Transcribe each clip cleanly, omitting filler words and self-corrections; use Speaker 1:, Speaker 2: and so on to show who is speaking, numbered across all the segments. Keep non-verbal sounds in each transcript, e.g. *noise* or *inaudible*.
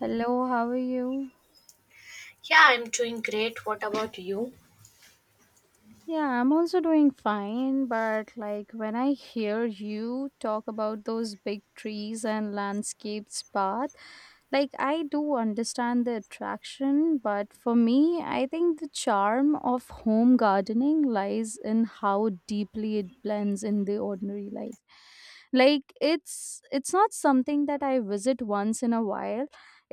Speaker 1: Hello, how are you?
Speaker 2: Yeah, I'm doing great. What about you?
Speaker 1: Yeah, I'm also doing fine, but like when I hear you talk about those big trees and landscapes path, like I do understand the attraction, but for me, I think the charm of home gardening lies in how deeply it blends in the ordinary life. Like it's not something that I visit once in a while.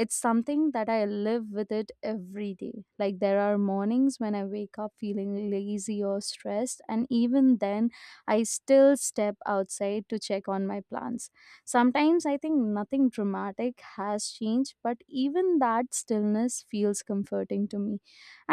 Speaker 1: It's something that I live with it every day. Like there are mornings when I wake up feeling lazy or stressed, and even then, I still step outside to check on my plants. Sometimes I think nothing dramatic has changed, but even that stillness feels comforting to me.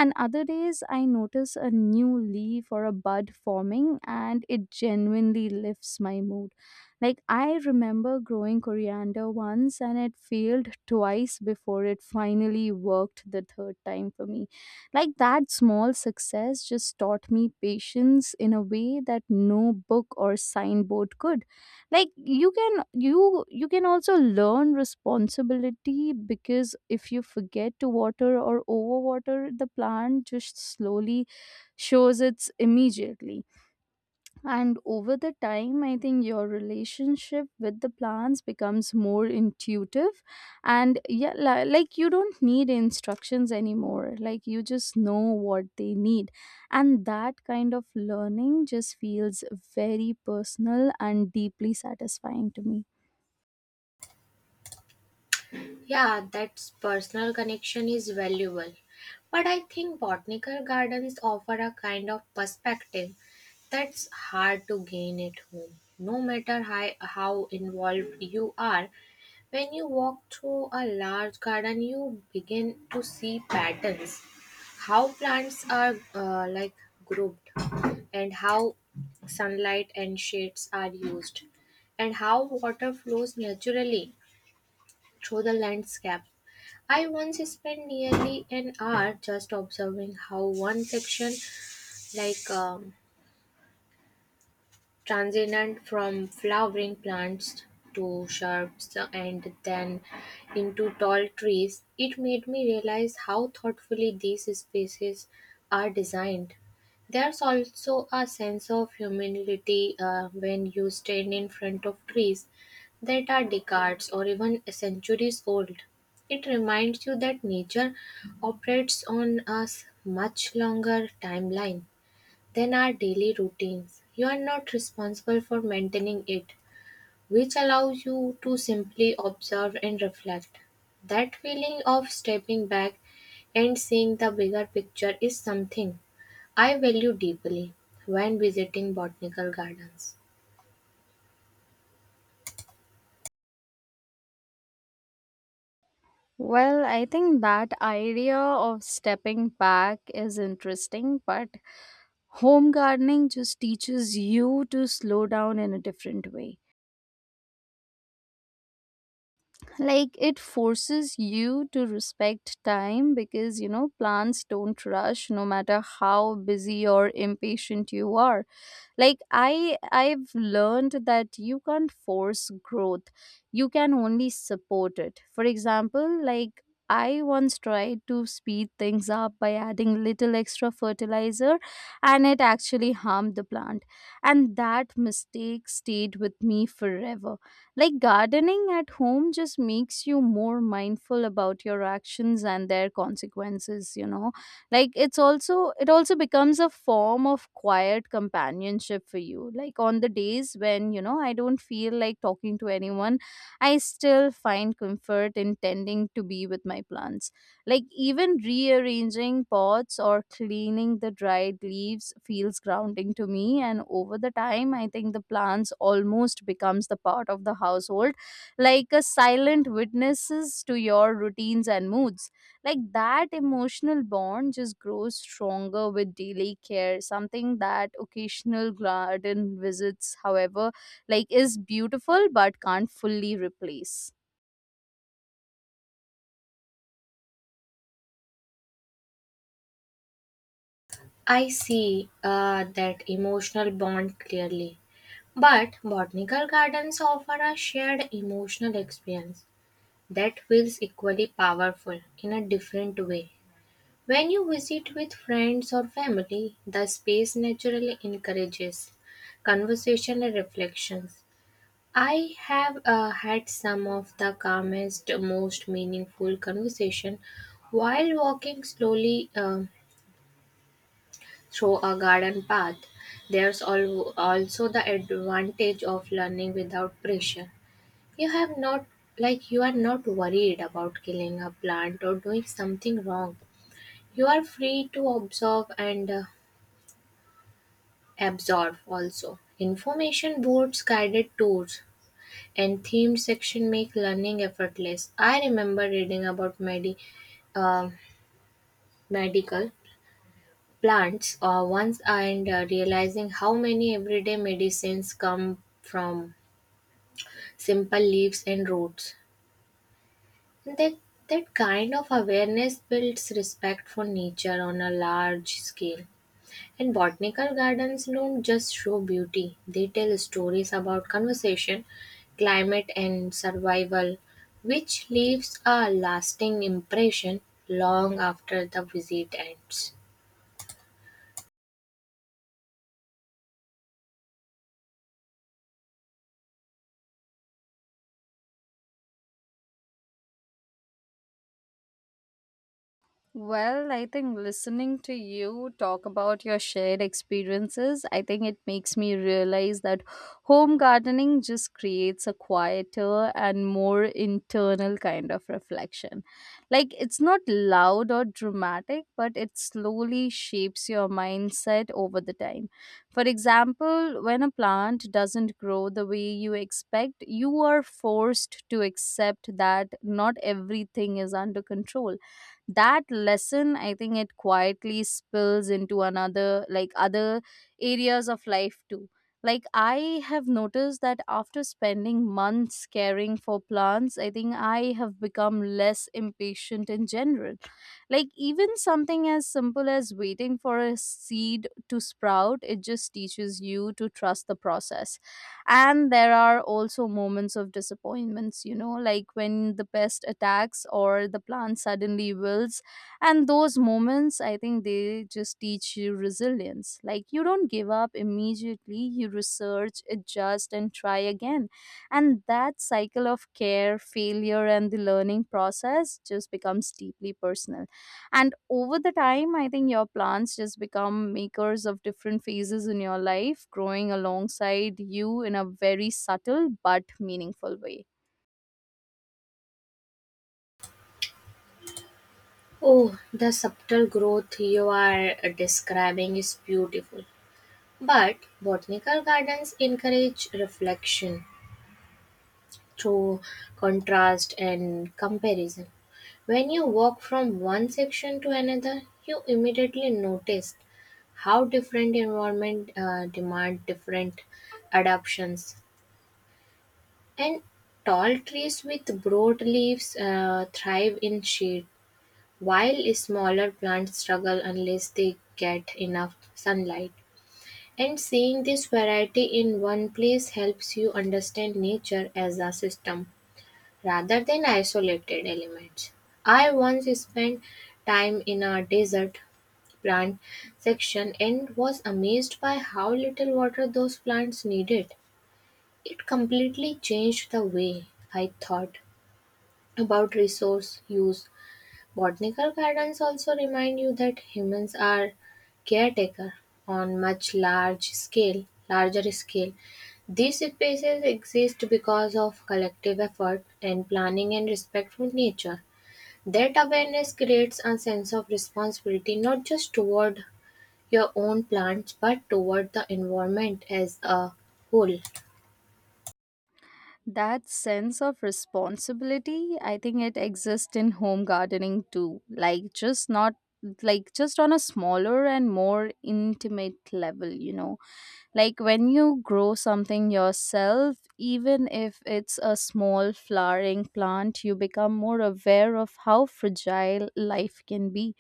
Speaker 1: And other days, I notice a new leaf or a bud forming, and it genuinely lifts my mood. Like I remember growing coriander once and it failed twice before it finally worked the third time for me. Like that small success just taught me patience in a way that no book or signboard could. Like you can also learn responsibility because if you forget to water or overwater the plant just slowly shows its immediately. And over the time, I think your relationship with the plants becomes more intuitive. And yeah, like you don't need instructions anymore. Like you just know what they need. And that kind of learning just feels very personal and deeply satisfying to me.
Speaker 2: Yeah, that personal connection is valuable. But I think botanical gardens offer a kind of perspective that's hard to gain at home. No matter how involved you are, when you walk through a large garden, you begin to see patterns, how plants are like grouped, and how sunlight and shades are used, and how water flows naturally through the landscape. I once spent nearly an hour just observing how one section, like um, transient from flowering plants to shrubs and then into tall trees. It made me realize how thoughtfully these spaces are designed. There's also a sense of humility when you stand in front of trees that are decades or even centuries old. It reminds you that nature operates on a much longer timeline. Then are daily routines. You are not responsible for maintaining it, which allows you to simply observe and reflect. That feeling of stepping back and seeing the bigger picture is something I value deeply when visiting botanical gardens.
Speaker 1: Well, I think that idea of stepping back is interesting, but home gardening just teaches you to slow down in a different way. Like it forces you to respect time because you know plants don't rush no matter how busy or impatient you are. Like I've learned that you can't force growth. You can only support it. For example, like I once tried to speed things up by adding little extra fertilizer and it actually harmed the plant, and that mistake stayed with me forever. Like gardening at home just makes you more mindful about your actions and their consequences, you know. Like it also becomes a form of quiet companionship for you. Like on the days when you know I don't feel like talking to anyone, I still find comfort in tending to be with my plants. Like even rearranging pots or cleaning the dried leaves feels grounding to me, and over the time I think the plants almost becomes the part of the household, like a silent witnesses to your routines and moods. Like that emotional bond just grows stronger with daily care, something that occasional garden visits, however, like is beautiful but can't fully replace.
Speaker 2: I see that emotional bond clearly. But botanical gardens offer a shared emotional experience that feels equally powerful in a different way. When you visit with friends or family, the space naturally encourages conversation and reflections. I have had some of the calmest, most meaningful conversation while walking slowly through a garden path. There's also the advantage of learning without pressure. You have not you are not worried about killing a plant or doing something wrong. You are free to observe and absorb also information boards, guided tours, and themed section make learning effortless. I remember reading about uh, medical plants once and realizing how many everyday medicines come from simple leaves and roots. That that kind of awareness builds respect for nature on a large scale. And botanical gardens don't just show beauty, they tell stories about conservation, climate, and survival, which leaves a lasting impression long after the visit ends.
Speaker 1: Well, I think listening to you talk about your shared experiences, I think it makes me realize that home gardening just creates a quieter and more internal kind of reflection. Like, it's not loud or dramatic, but it slowly shapes your mindset over the time. For example, when a plant doesn't grow the way you expect, you are forced to accept that not everything is under control. That lesson, I think it quietly spills into another, like other areas of life too. Like I have noticed that after spending months caring for plants, I think I have become less impatient in general. Like even something as simple as waiting for a seed to sprout, it just teaches you to trust the process. And there are also moments of disappointments, you know, like when the pest attacks or the plant suddenly wilts, and those moments I think they just teach you resilience. Like you don't give up immediately, you research, adjust and try again. And that cycle of care, failure and the learning process just becomes deeply personal. And over the time, I think your plants just become makers of different phases in your life, growing alongside you in a very subtle but meaningful way.
Speaker 2: Oh, the subtle growth you are describing is beautiful. But botanical gardens encourage reflection through contrast and comparison. When you walk from one section to another, you immediately notice how different environment demand different adaptations. And tall trees with broad leaves thrive in shade, while smaller plants struggle unless they get enough sunlight. And seeing this variety in one place helps you understand nature as a system rather than isolated elements. I once spent time in a desert plant section and was amazed by how little water those plants needed. It completely changed the way I thought about resource use. Botanical gardens also remind you that humans are caretaker on larger scale. These spaces exist because of collective effort and planning and respect for nature. That awareness creates a sense of responsibility not just toward your own plants but toward the environment as a whole.
Speaker 1: That sense of responsibility, I think it exists in home gardening too. Like, just not, like just on a smaller and more intimate level, you know. Like when you grow something yourself, even if it's a small flowering plant, you become more aware of how fragile life can be.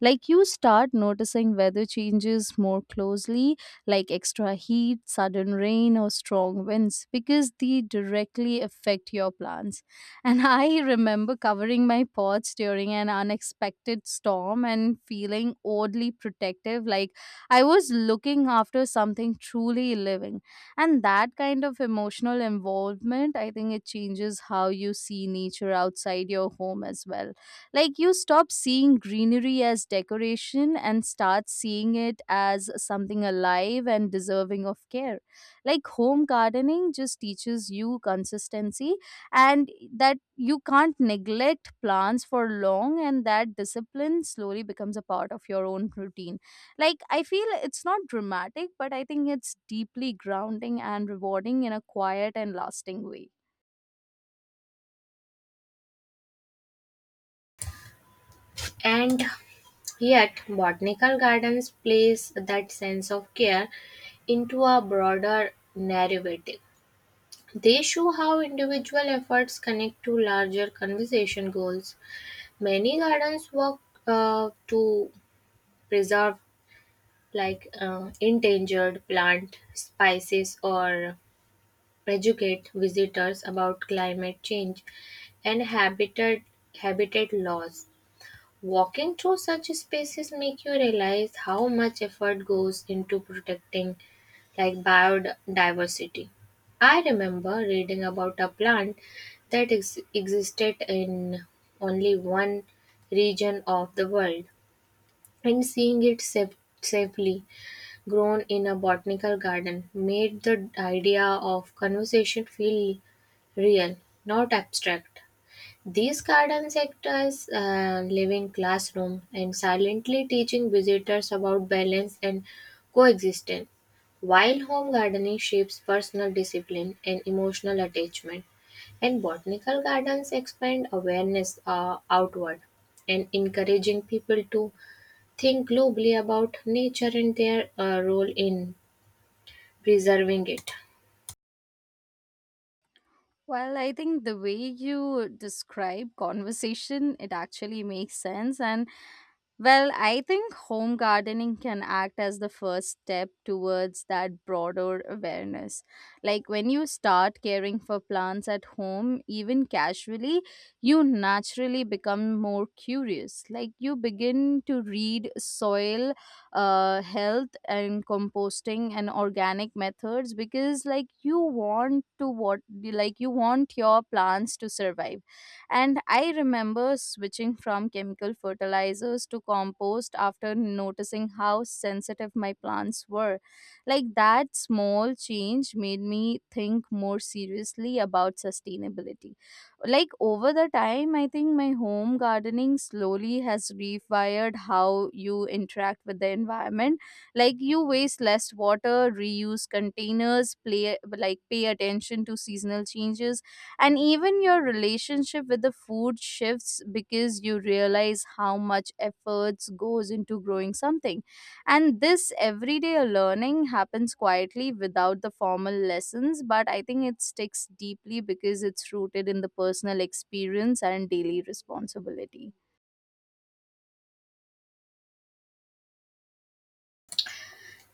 Speaker 1: Like you start noticing weather changes more closely, like extra heat, sudden rain, or strong winds, because they directly affect your plants. And *laughs* I remember covering my pots during an unexpected storm and feeling oddly protective, like I was looking after something truly living. And that kind of emotional involvement, I think it changes how you see nature outside your home as well. Like you stop seeing greenery as decoration and start seeing it as something alive and deserving of care. Like home gardening just teaches you consistency and that you can't neglect plants for long, and that discipline slowly becomes a part of your own routine. Like I feel it's not dramatic, but I think it's deeply grounding and rewarding in a quiet and lasting way.
Speaker 2: And Yet, botanical gardens place that sense of care into a broader narrative. They show how individual efforts connect to larger conservation goals. Many gardens work to preserve endangered plant species or educate visitors about climate change and habitat loss. Walking through such spaces make you realize how much effort goes into protecting like biodiversity. I remember reading about a plant that existed in only one region of the world, and seeing it safely grown in a botanical garden made the idea of conservation feel real, not abstract. These gardens act as a living classroom and silently teaching visitors about balance and coexistence, while home gardening shapes personal discipline and emotional attachment, and botanical gardens expand awareness outward and encouraging people to think globally about nature and their role in preserving it.
Speaker 1: Well, I think the way you describe conversation, it actually makes sense. And well, I think home gardening can act as the first step towards that broader awareness. Like when you start caring for plants at home, even casually, you naturally become more curious. Like you begin to read soil health and composting and organic methods because, like, you want to what, like, you want your plants to survive, and I remember switching from chemical fertilizers to compost after noticing how sensitive my plants were. Like that small change made me think more seriously about sustainability. Like over the time, I think my home gardening slowly has rewired how you interact with the environment. Like you waste less water, reuse containers, play like pay attention to seasonal changes, and even your relationship with the food shifts because you realize how much efforts goes into growing something. And this everyday learning happens quietly without the formal lessons, but I think it sticks deeply because it's rooted in the personal experience and daily responsibility.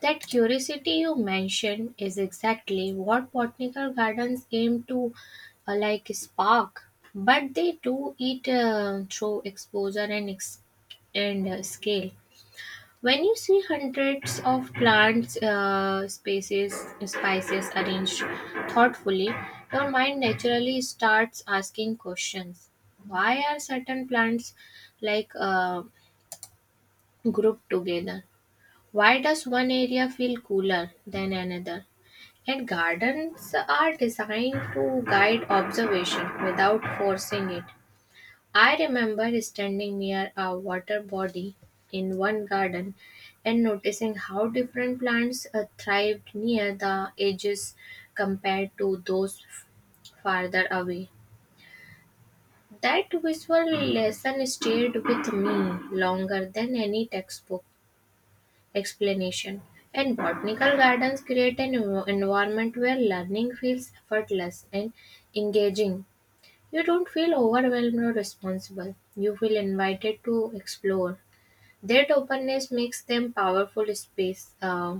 Speaker 2: That curiosity you mentioned is exactly what botanical gardens aim to like spark, but they do it through exposure and scale. When you see hundreds of plants, spices arranged thoughtfully, your mind naturally starts asking questions. Why are certain plants like uh, grouped together? Why does one area feel cooler than another? And gardens are designed to guide observation without forcing it. I remember standing near a water body in one garden and noticing how different plants thrived near the edges compared to those farther away. That visual lesson stayed with me longer than any textbook explanation. And botanical gardens create an environment where learning feels effortless and engaging. You don't feel overwhelmed or responsible. You feel invited to explore. That openness makes them powerful space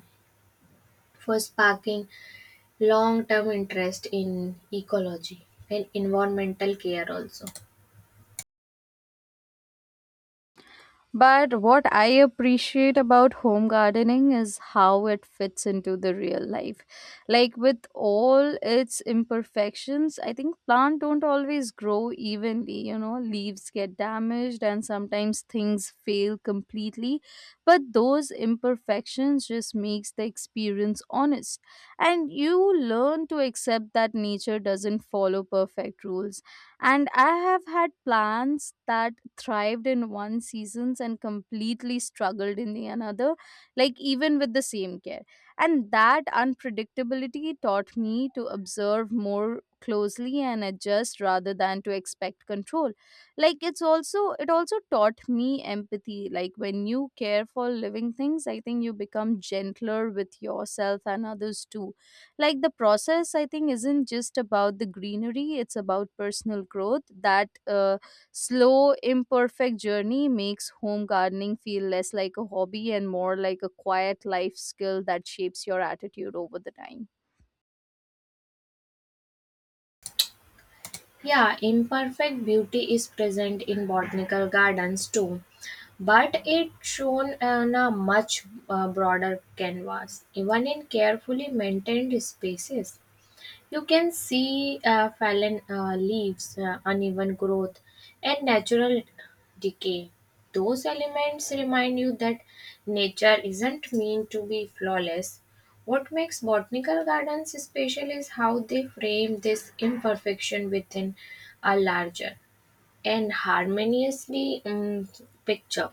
Speaker 2: for sparking long-term interest in ecology and environmental care also.
Speaker 1: But what I appreciate about home gardening is how it fits into the real life. Like with all its imperfections, I think plants don't always grow evenly, you know, leaves get damaged and sometimes things fail completely, but those imperfections just makes the experience honest. And you learn to accept that nature doesn't follow perfect rules, and I have had plants that thrived in one seasons and completely struggled in the another, like even with the same care. And that unpredictability taught me to observe more closely and adjust rather than to expect control. Like it also taught me empathy. Like when you care for living things, I think you become gentler with yourself and others too. Like the process, I think, isn't just about the greenery, it's about personal growth. That slow, imperfect journey makes home gardening feel less like a hobby and more like a quiet life skill that shapes your attitude over the time.
Speaker 2: Yeah, imperfect beauty is present in botanical gardens too, but it's shown on a much broader canvas, even in carefully maintained spaces. You can see fallen leaves, uneven growth, and natural decay. Those elements remind you that nature isn't meant to be flawless. What makes botanical gardens special is how they frame this imperfection within a larger and harmoniously picture.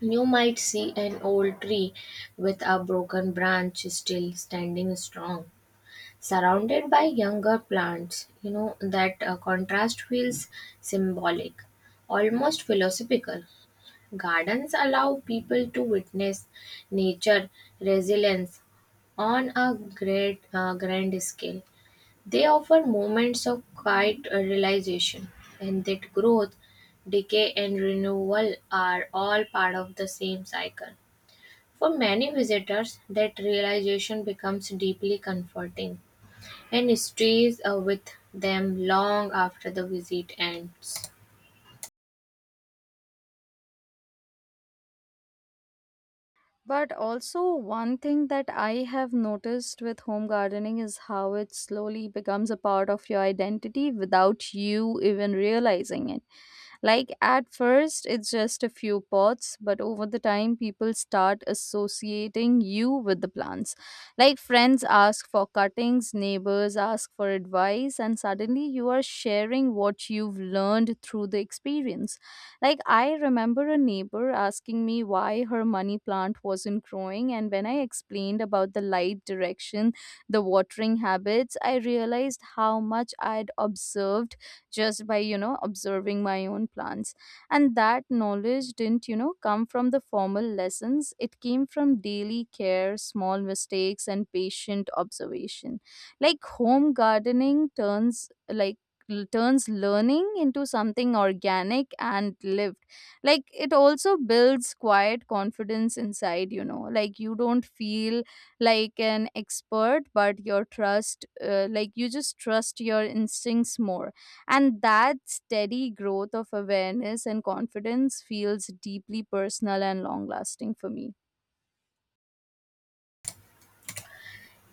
Speaker 2: You might see an old tree with a broken branch still standing strong surrounded by younger plants. You know, that contrast feels symbolic, almost philosophical. Gardens allow people to witness nature resilience on a grand scale. They offer moments of quiet realization, and that growth, decay, and renewal are all part of the same cycle. For many visitors, that realization becomes deeply comforting and stays with them long after the visit ends.
Speaker 1: But also, one thing that I have noticed with home gardening is how it slowly becomes a part of your identity without you even realizing it. Like at first, it's just a few pots, but over the time, people start associating you with the plants. Like friends ask for cuttings, neighbors ask for advice, and suddenly you are sharing what you've learned through the experience. Like I remember a neighbor asking me why her money plant wasn't growing, and when I explained about the light direction, the watering habits, I realized how much I'd observed just by you know observing my own plants. And that knowledge didn't you know come from the formal lessons, it came from daily care, small mistakes and patient observation. Like home gardening turns like turns learning into something organic and lived. Like it also builds quiet confidence inside, you know. Like you don't feel like an expert, but your trust, like you just trust your instincts more, and that steady growth of awareness and confidence feels deeply personal and long lasting for me.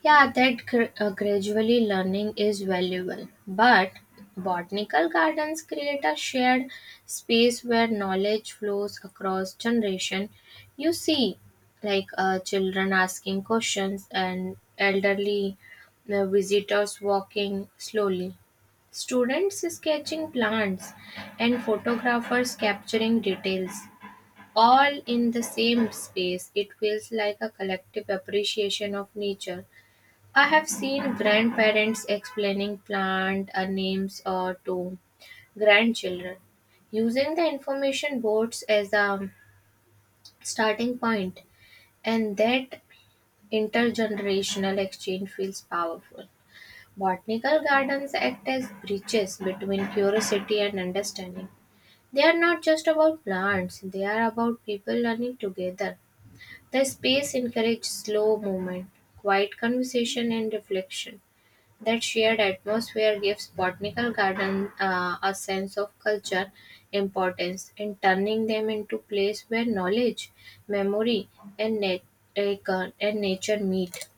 Speaker 2: Yeah, that gradually learning is valuable, but botanical gardens create a shared space where knowledge flows across generation. You see, children asking questions and elderly visitors walking slowly, students sketching plants, and photographers capturing details. All in the same space, it feels like a collective appreciation of nature. I have seen grandparents explaining plant names or to grandchildren, using the information boards as a starting point, and that intergenerational exchange feels powerful. Botanical gardens act as bridges between curiosity and understanding. They are not just about plants, they are about people learning together. The space encouraged slow movement, quiet conversation, and reflection. That shared atmosphere gives botanical garden a sense of culture importance in turning them into place where knowledge, memory, and, and nature meet.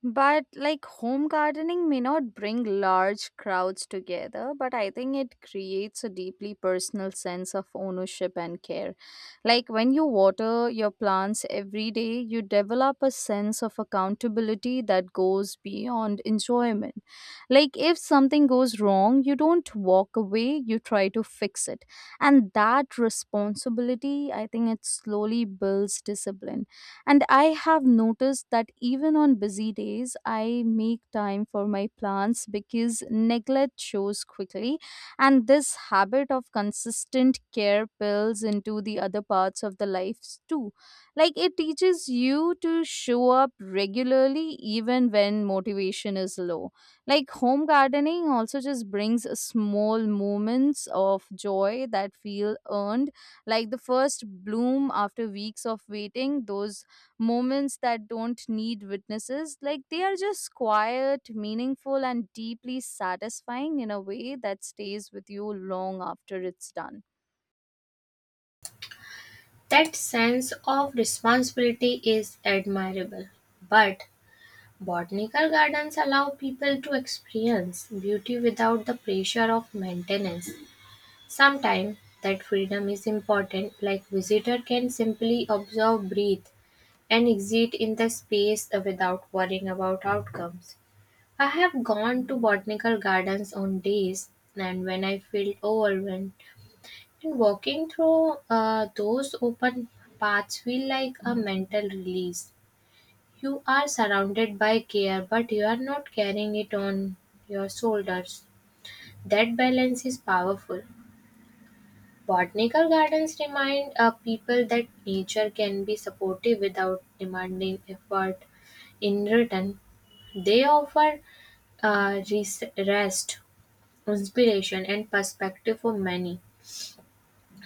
Speaker 1: But like home gardening may not bring large crowds together, but I think it creates a deeply personal sense of ownership and care. Like when you water your plants every day, you develop a sense of accountability that goes beyond enjoyment. Like if something goes wrong, you don't walk away, you try to fix it. And that responsibility, I think it slowly builds discipline, and I have noticed that even on busy days, I make time for my plants because neglect shows quickly. And this habit of consistent care builds into the other parts of the lives too. Like it teaches you to show up regularly even when motivation is low. Like home gardening also just brings small moments of joy that feel earned, like the first bloom after weeks of waiting, those moments that don't need witnesses. Like they are just quiet, meaningful, and deeply satisfying in a way that stays with you long after it's done.
Speaker 2: That sense of responsibility is admirable, but botanical gardens allow people to experience beauty without the pressure of maintenance. Sometimes that freedom is important, like visitor can simply observe, breathe, and exist in the space without worrying about outcomes. I have gone to botanical gardens on days and when I felt overwhelmed, and walking through those open paths feel like a mental release. You are surrounded by care, but you are not carrying it on your shoulders. That balance is powerful. Botanical gardens remind people that nature can be supportive without demanding effort in return. They offer rest, inspiration, and perspective for many.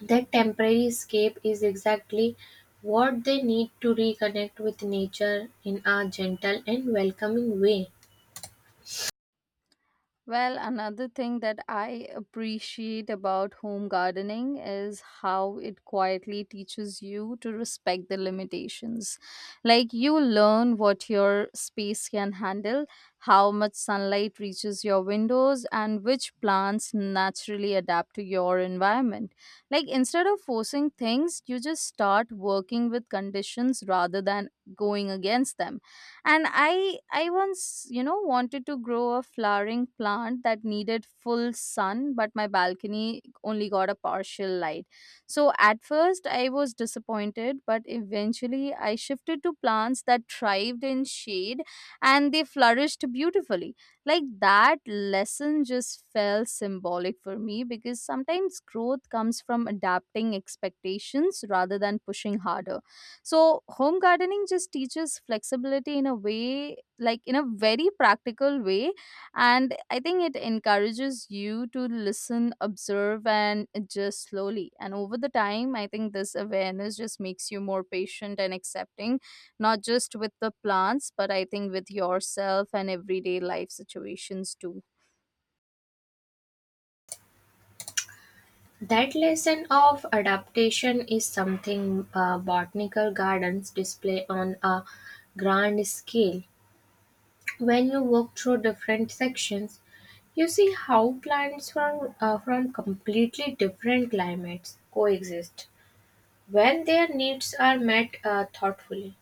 Speaker 2: That temporary escape is exactly what they need to reconnect with nature in a gentle and welcoming way.
Speaker 1: Well, another thing that I appreciate about home gardening is how it quietly teaches you to respect the limitations. Like, you learn what your space can handle, how much sunlight reaches your windows, and which plants naturally adapt to your environment. Like, instead of forcing things, you just start working with conditions rather than going against them. And I once wanted to grow a flowering plant that needed full sun, but my balcony only got a partial light. So at first I was disappointed, but eventually I shifted to plants that thrived in shade, and they flourished beautifully. Like, that lesson just felt symbolic for me, because sometimes growth comes from adapting expectations rather than pushing harder. So, home gardening just teaches flexibility in a way, like in a very practical way. And I think it encourages you to listen, observe, and adjust slowly. And over the time, I think this awareness just makes you more patient and accepting, not just with the plants, but I think with yourself and everyday life situations too.
Speaker 2: That lesson of adaptation is something botanical gardens display on a grand scale. When you walk through different sections, you see how plants from completely different climates coexist when their needs are met thoughtfully.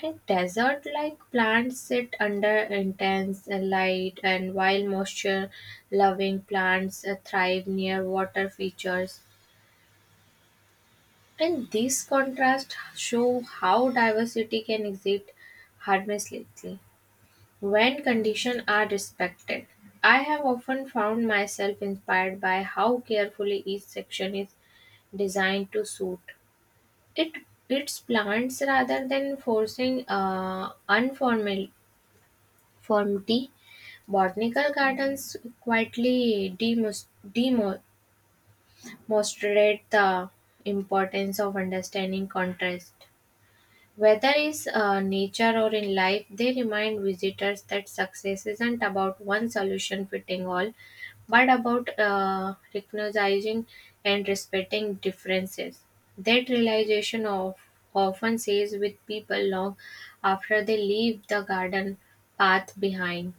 Speaker 2: And desert like plants sit under intense light, and while moisture loving plants thrive near water features. And these contrasts show how diversity can exist harmlessly when conditions are respected. I have often found myself inspired by how carefully each section is designed to suit it its plants rather than forcing unformity. Botanical gardens quietly demonstrate the importance of understanding contrast. Whether is nature or in life, they remind visitors that success isn't about one solution fitting all, but about recognizing and respecting differences. That realization of often stays with people long after they leave the garden path behind.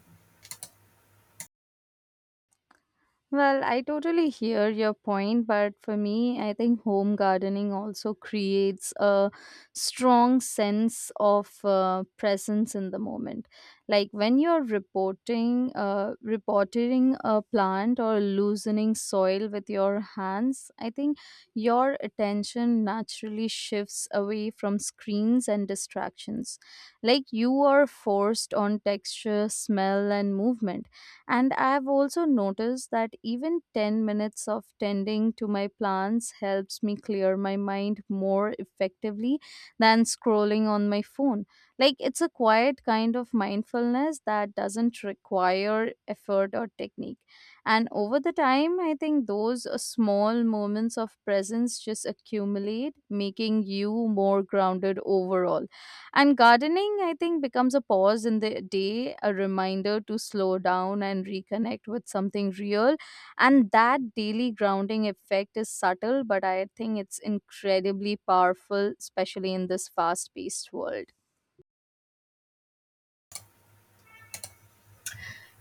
Speaker 1: Well, I totally hear your point, but for me, I think home gardening also creates a strong sense of presence in the moment. Like, when you're reporting a plant or loosening soil with your hands, I think your attention naturally shifts away from screens and distractions. Like, you are forced on texture, smell, and movement. And I've also noticed that even 10 minutes of tending to my plants helps me clear my mind more effectively than scrolling on my phone. Like, it's a quiet kind of mindfulness that doesn't require effort or technique. And over the time, I think those small moments of presence just accumulate, making you more grounded overall. And gardening, I think, becomes a pause in the day, a reminder to slow down and reconnect with something real. And that daily grounding effect is subtle, but I think it's incredibly powerful, especially in this fast paced world.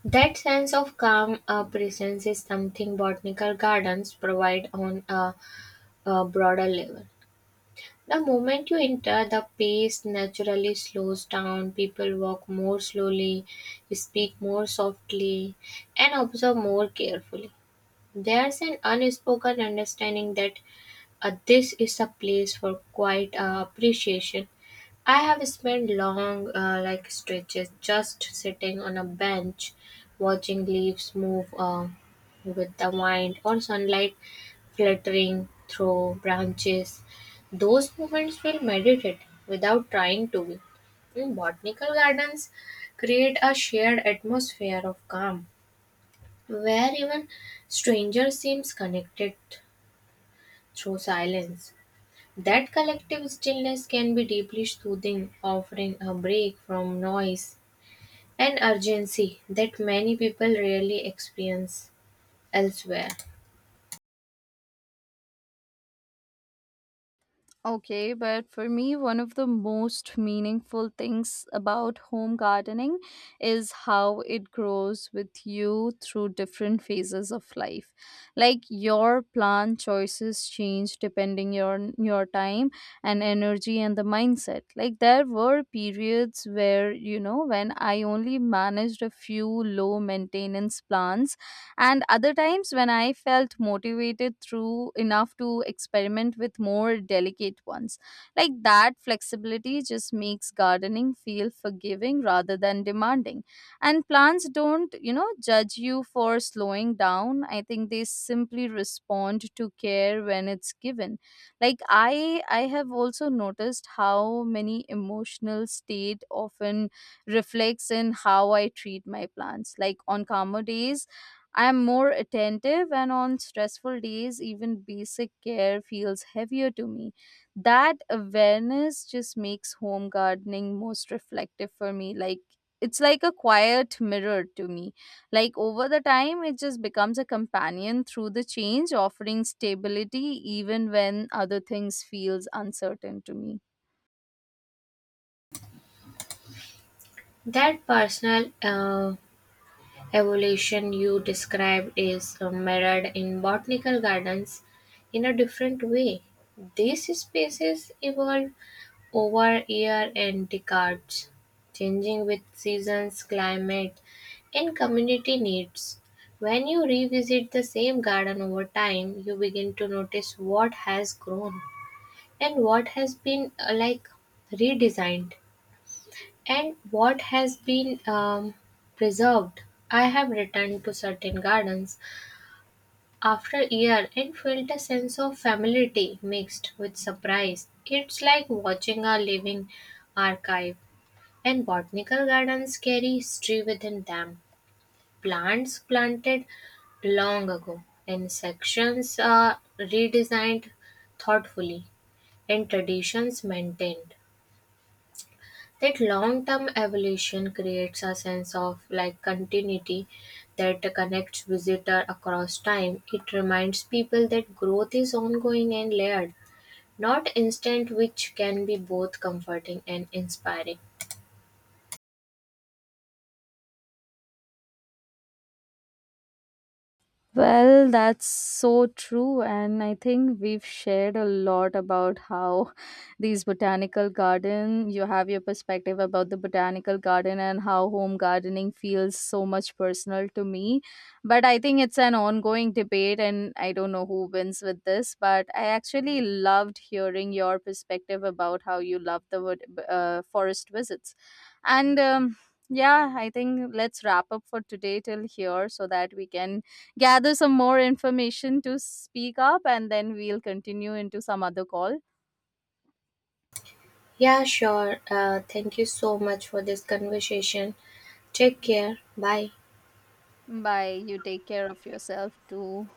Speaker 2: That sense of calm presence is something botanical gardens provide on a broader level. The moment you enter, the pace naturally slows down. People walk more slowly, speak more softly, and observe more carefully. There's an unspoken understanding that this is a place for quiet appreciation. I have spent long stretches, just sitting on a bench, watching leaves move with the wind or sunlight fluttering through branches. Those movements feel meditative without trying to be. In botanical gardens, create a shared atmosphere of calm where even strangers seems connected through silence. That collective stillness can be deeply soothing, offering a break from noise and urgency that many people rarely experience elsewhere.
Speaker 1: Okay, but for me, one of the most meaningful things about home gardening is how it grows with you through different phases of life. Like, your plant choices change depending your time and energy and the mindset. Like, there were periods, where you know, when I only managed a few low maintenance plants, and other times when I felt motivated through enough to experiment with more delicate ones. Like, that flexibility just makes gardening feel forgiving rather than demanding. And plants don't, you know, judge you for slowing down. I think they simply respond to care when it's given. Like, I have also noticed how many emotional state often reflects in how I treat my plants. Like, on calmer days I am more attentive, and on stressful days, even basic care feels heavier to me. That awareness just makes home gardening most reflective for me. Like, it's like a quiet mirror to me. Like, over the time, it just becomes a companion through the change, offering stability even when other things feels uncertain to me.
Speaker 2: That personal evolution you described is mirrored in botanical gardens in a different way. These species evolve over year and decades, changing with seasons, climate, and community needs. When you revisit the same garden over time, you begin to notice what has grown and what has been redesigned, and what has been preserved. I have returned to certain gardens after a year and felt a sense of familiarity mixed with surprise. It's like watching a living archive, and botanical gardens carry history within them. Plants planted long ago, and sections are redesigned thoughtfully, and traditions maintained. That long-term evolution creates a sense of like continuity that connects visitor across time. It reminds people that growth is ongoing and layered, not instant, which can be both comforting and inspiring.
Speaker 1: Well, that's so true. And I think we've shared a lot about how *laughs* these botanical garden, you have your perspective about the botanical garden and how home gardening feels so much personal to me. But I think it's an ongoing debate, and I don't know who wins with this. But I actually loved hearing your perspective about how you love the forest visits. And yeah, I think let's wrap up for today till here, so that we can gather some more information to speak up and then we'll continue into some other call.
Speaker 2: Yeah, sure. Thank you so much for this conversation. Take care. Bye.
Speaker 1: Bye. You take care of yourself too.